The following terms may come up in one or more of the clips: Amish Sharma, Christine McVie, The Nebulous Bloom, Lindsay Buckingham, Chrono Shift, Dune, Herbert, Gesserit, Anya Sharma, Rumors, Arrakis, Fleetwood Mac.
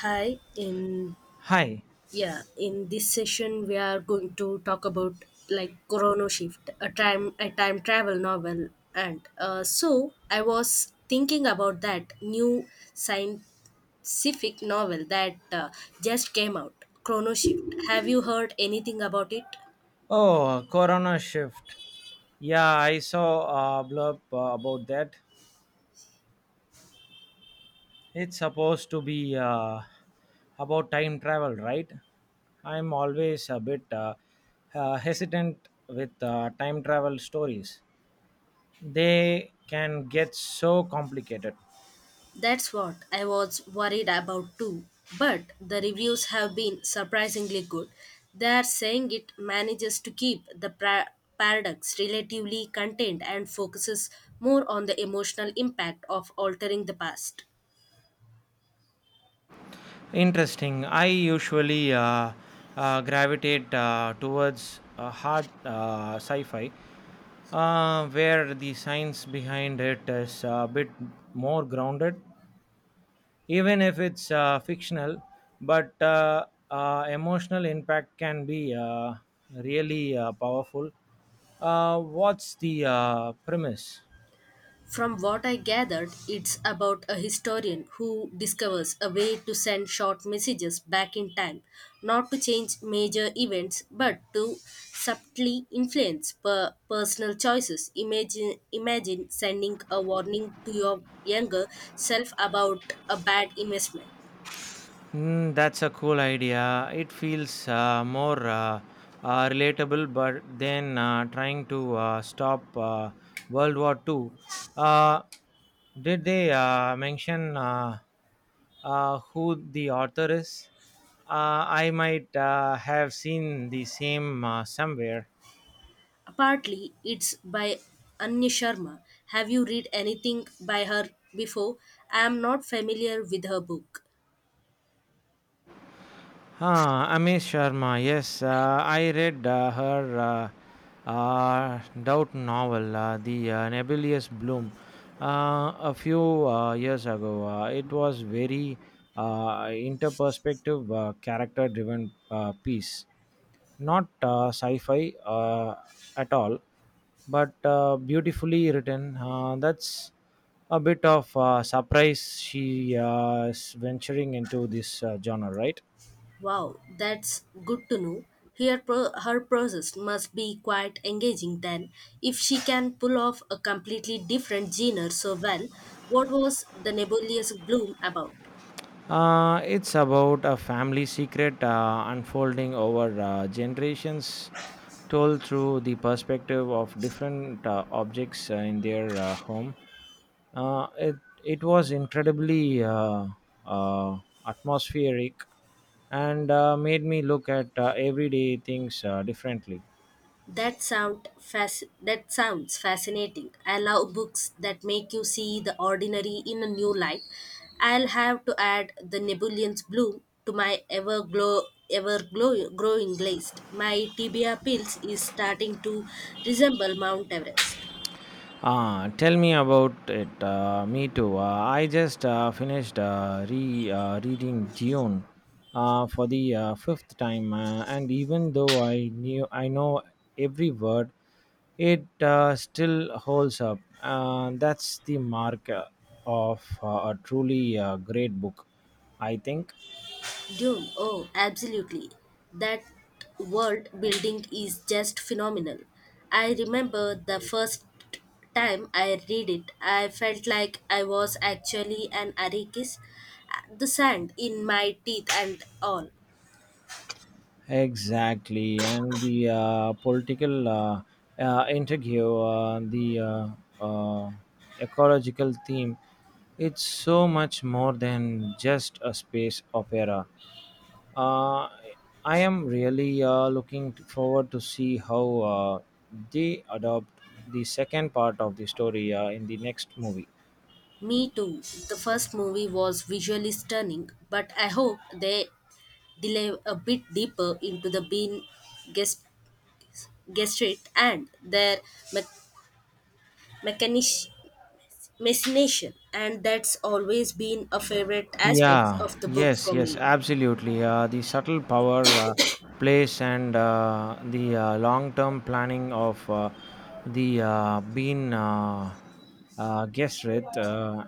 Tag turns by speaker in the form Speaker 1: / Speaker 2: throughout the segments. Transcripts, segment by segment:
Speaker 1: Hi, in
Speaker 2: Hi.
Speaker 1: yeah, in this session we are going to talk about Chrono Shift, a time travel novel, and so I was thinking about that new scientific novel that just came out, Chrono Shift. Have you heard anything about it?
Speaker 2: Oh, corona shift. Yeah, I saw a blurb about that. It's supposed to be about time travel, right? I'm always a bit hesitant with time travel stories. They can get so complicated.
Speaker 1: That's what I was worried about too. But the reviews have been surprisingly good. They are saying it manages to keep the paradox relatively contained and focuses more on the emotional impact of altering the past.
Speaker 2: Interesting. I usually gravitate towards hard sci fi, where the science behind it is a bit more grounded, even if it's fictional, but emotional impact can be really powerful. What's the premise?
Speaker 1: From what I gathered, it's about a historian who discovers a way to send short messages back in time, not to change major events, but to subtly influence personal choices. Imagine sending a warning to your younger self about a bad investment.
Speaker 2: Mm, that's a cool idea. It feels more relatable, but then trying to stop World War Two. Uh, did they mention who the author is? I might have seen the same somewhere.
Speaker 1: Partly, it's by Anya Sharma. Have you read anything by her before? I am not familiar with her book.
Speaker 2: Ah, Amish Sharma. Yes, I read her doubt novel, The Nebulous Bloom, uh, a few years ago. It was very interperspective, character-driven piece, not sci-fi at all, but beautifully written. That's a bit of surprise. She is venturing into this genre, right?
Speaker 1: Wow, that's good to know. Her process must be quite engaging then. If she can pull off a completely different genre so well, what was the nebulous bloom about?
Speaker 2: It's about a family secret unfolding over generations, told through the perspective of different objects in their home. Uh, it it was incredibly uh, atmospheric and made me look at everyday things differently.
Speaker 1: That sounds fascinating. I love books that make you see the ordinary in a new light. I'll have to add the nebulous bloom to my growing list. My tibia pills is starting to resemble Mount Everest.
Speaker 2: Ah, tell me about it. Me too. I just finished re reading Dune for the fifth time, and even though I know every word, it still holds up. That's the mark of a truly great book, I think.
Speaker 1: Dune, oh, absolutely. That world building is just phenomenal. I remember the first time I read it, I felt like I was actually an Arrakis. The sand in my teeth and all.
Speaker 2: Exactly, and the political interview, the uh, ecological theme. It's so much more than just a space opera. Uh, I am really looking forward to see how uh, they adopt the second part of the story in the next movie.
Speaker 1: Me too. The first movie was visually stunning, but I hope they delve a bit deeper into the bean gest- gesture and their me- mechanish Machination, and that's always been a favorite aspect
Speaker 2: Yeah,
Speaker 1: of the book
Speaker 2: yes,
Speaker 1: for
Speaker 2: yes,
Speaker 1: me.
Speaker 2: absolutely. The subtle power, place, and the long term planning of the bean Gesserit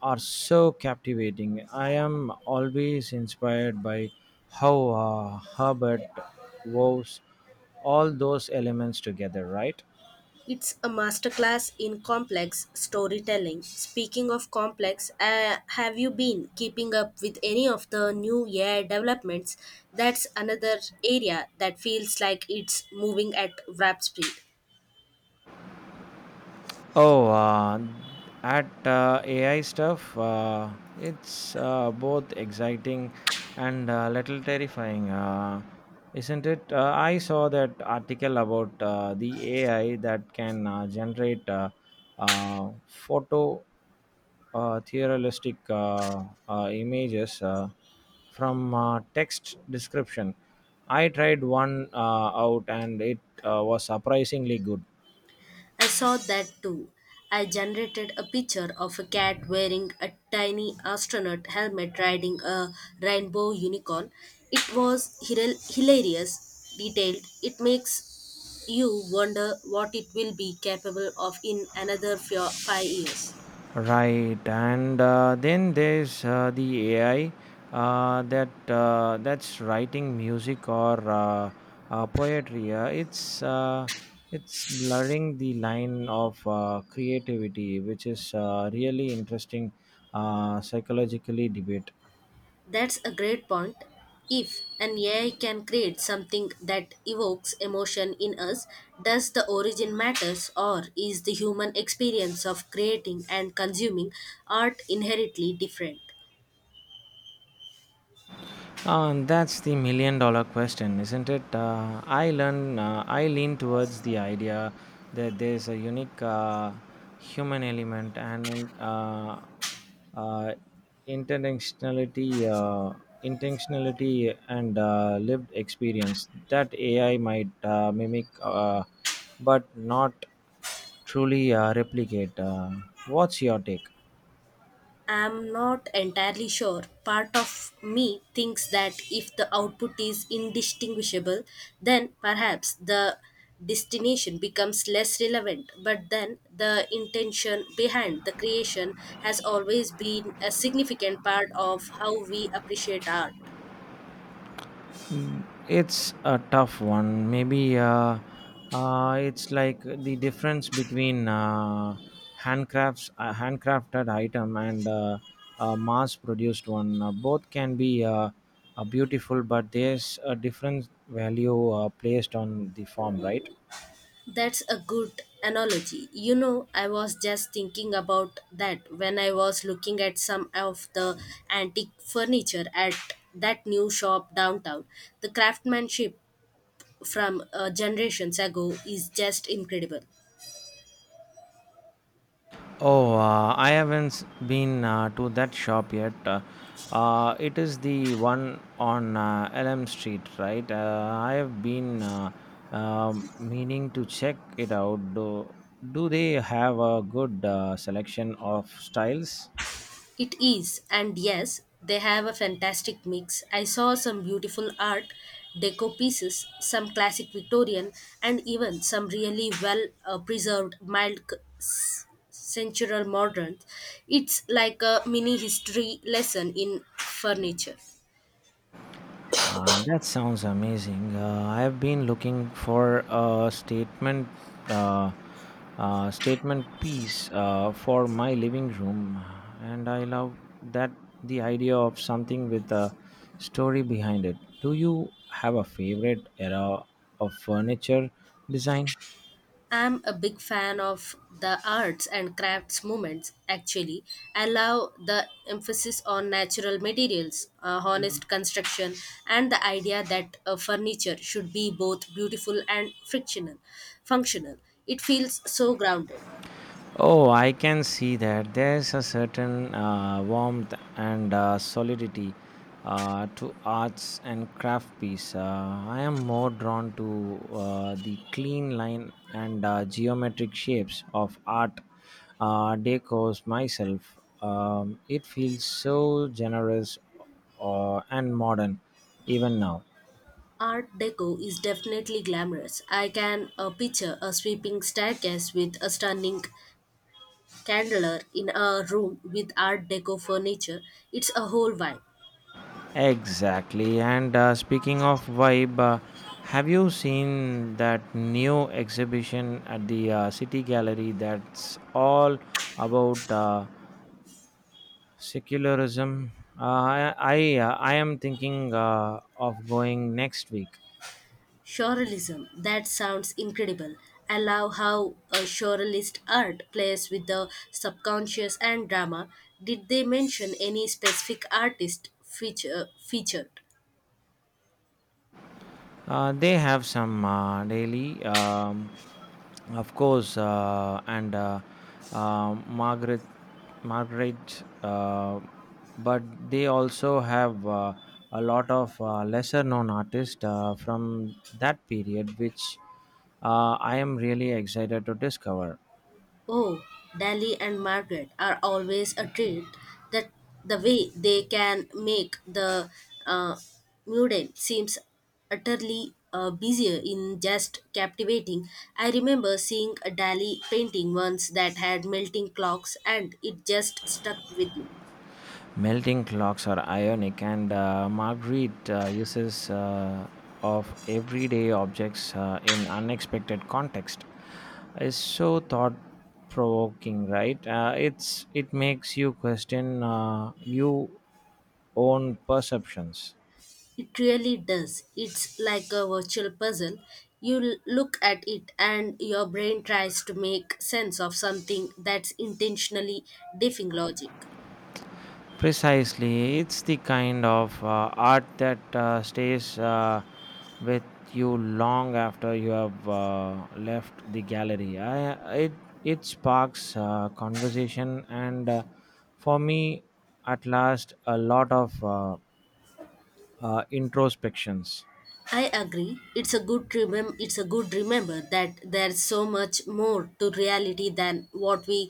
Speaker 2: are so captivating. I am always inspired by how Herbert woves all those elements together, right?
Speaker 1: It's a masterclass in complex storytelling. Speaking of complex, have you been keeping up with any of the new year developments? That's another area that feels like it's moving at rap speed.
Speaker 2: Oh, at AI stuff, it's both exciting and a little terrifying, isn't it? I saw that article about the AI that can generate photo theorealistic images from text description. I tried one out and it was surprisingly good.
Speaker 1: I saw that too. I generated a picture of a cat wearing a tiny astronaut helmet riding a rainbow unicorn. It was hilarious, detailed. It makes you wonder what it will be capable of in another five years.
Speaker 2: Right, and then there's the AI that's writing music or poetry. It's blurring the line of creativity, which is really interesting psychologically debate.
Speaker 1: That's a great point. If an AI can create something that evokes emotion in us, does the origin matters or is the human experience of creating and consuming art inherently different?
Speaker 2: That's the million dollar question, isn't it? I lean towards the idea that there's a unique human element and in, uh, intentionality, uh, intentionality and lived experience that AI might mimic, but not truly replicate. What's your take?
Speaker 1: I am not entirely sure. Part of me thinks that if the output is indistinguishable, then perhaps the destination becomes less relevant. But then the intention behind the creation has always been a significant part of how we appreciate art.
Speaker 2: Mm, it's a tough one. Maybe it's like the difference between handcrafted item and a mass-produced one. Both can be beautiful, but there's a different value placed on the form, right?
Speaker 1: That's a good analogy. You know, I was just thinking about that when I was looking at some of the antique furniture at that new shop downtown. The craftsmanship from generations ago is just incredible.
Speaker 2: Oh, I haven't been to that shop yet. It is the one on Elm Street, right? I have been meaning to check it out. Do they have a good selection of styles?
Speaker 1: It is, and yes, they have a fantastic mix. I saw some beautiful art, deco pieces, some classic Victorian, and even some really well preserved centural modern. It's like a mini history lesson in furniture.
Speaker 2: That sounds amazing. I have been looking for a uh, statement piece for my living room, and I love that the idea of something with a story behind it. Do you have a favorite era of furniture design?
Speaker 1: I'm a big fan of the arts and crafts movements, actually. I love the emphasis on natural materials, honest construction, and the idea that furniture should be both beautiful and functional. It feels so grounded.
Speaker 2: Oh, I can see that. There's a certain warmth and solidity to arts and craft piece. I am more drawn to the clean line and geometric shapes of art decors myself. It feels so generous and modern even now.
Speaker 1: Art Deco is definitely glamorous. I can picture a sweeping staircase with a stunning candler in a room with Art Deco furniture. It's a whole vibe.
Speaker 2: Exactly. And speaking of vibe, have you seen that new exhibition at the City Gallery that's all about secularism? I am thinking of going next week.
Speaker 1: Surrealism. That sounds incredible. I love how a surrealist art plays with the subconscious and drama. Did they mention any specific featured?
Speaker 2: They have some daily, of course, and uh, Margaret, Margaret, but they also have a lot of lesser-known artists from that period, which I am really excited to discover.
Speaker 1: Oh, Dali and Margaret are always a treat. That The way they can make the uh, mundane seems utterly busier in just captivating. I remember seeing a Dali painting once that had melting clocks, and it just stuck with me.
Speaker 2: Melting clocks are ionic, and Marguerite uses of everyday objects in unexpected context is so thought provoking, right? It makes you question your own perceptions.
Speaker 1: It really does. It's like a virtual puzzle. You look at it, and your brain tries to make sense of something that's intentionally defying logic.
Speaker 2: Precisely, it's the kind of art that stays with you long after you have left the gallery. I, it sparks conversation, and for me, at last, a lot of introspections.
Speaker 1: I agree. It's a good remember that there's so much more to reality than what we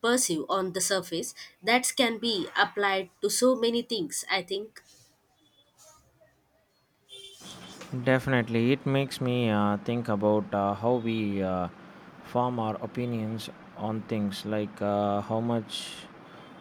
Speaker 1: perceive on the surface. That can be applied to so many things. I think
Speaker 2: Definitely, it makes me think about how we form our opinions on things, like how much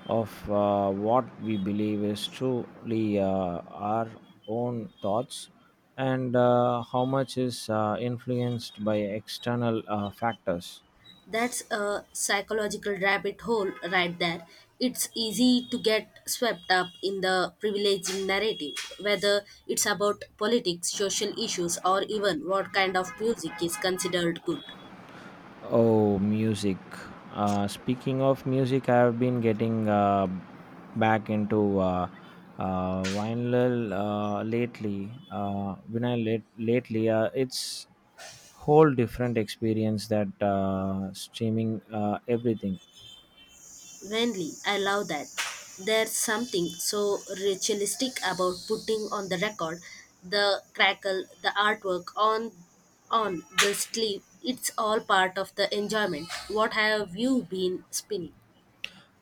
Speaker 2: of what we believe is truly our own thoughts, and how much is influenced by external factors.
Speaker 1: that's a psychological rabbit hole right there. It's easy to get swept up in the privileging narrative, whether it's about politics, social issues, or even what kind of music is considered good.
Speaker 2: Oh, music. Speaking of music, I've been getting back into vinyl lately. Vinyl lately, it's whole different experience that streaming everything.
Speaker 1: Really, I love that. There's something so ritualistic about putting on the record the crackle, the artwork on the sleeve. It's all part of the enjoyment. What have you been spinning?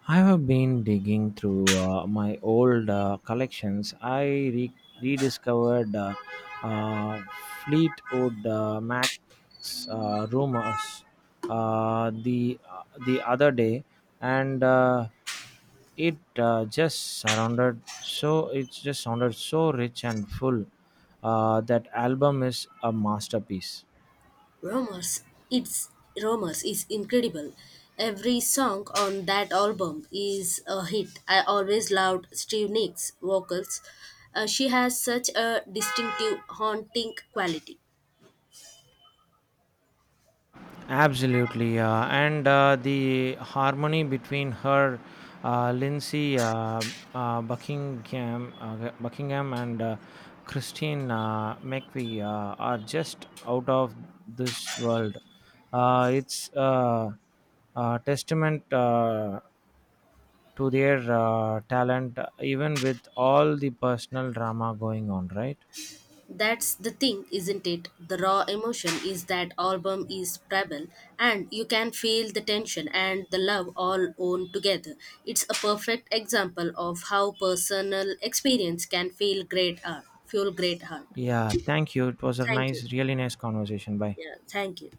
Speaker 2: I have been digging through my old collections. I re- rediscovered Fleetwood Mac's Rumors the other day, and it just sounded so rich and full. That album is a masterpiece.
Speaker 1: Rumors. It's Rumors is incredible. Every song on that album is a hit. I always loved Steve Nicks' vocals. She has such a distinctive, haunting quality.
Speaker 2: Absolutely, and the harmony between her, Lindsay Buckingham, and Christine McVie are just out of this world. It's a testament to their talent, even with all the personal drama going on. Right?
Speaker 1: That's the thing, isn't it? The raw emotion is that album is primal, and you can feel the tension and the love all owned together. It's a perfect example of how personal experience can feel great art, fuel great art.
Speaker 2: Yeah. Thank you. It was a
Speaker 1: Thank you.
Speaker 2: nice, really nice conversation. Bye.
Speaker 1: Yeah, thank you.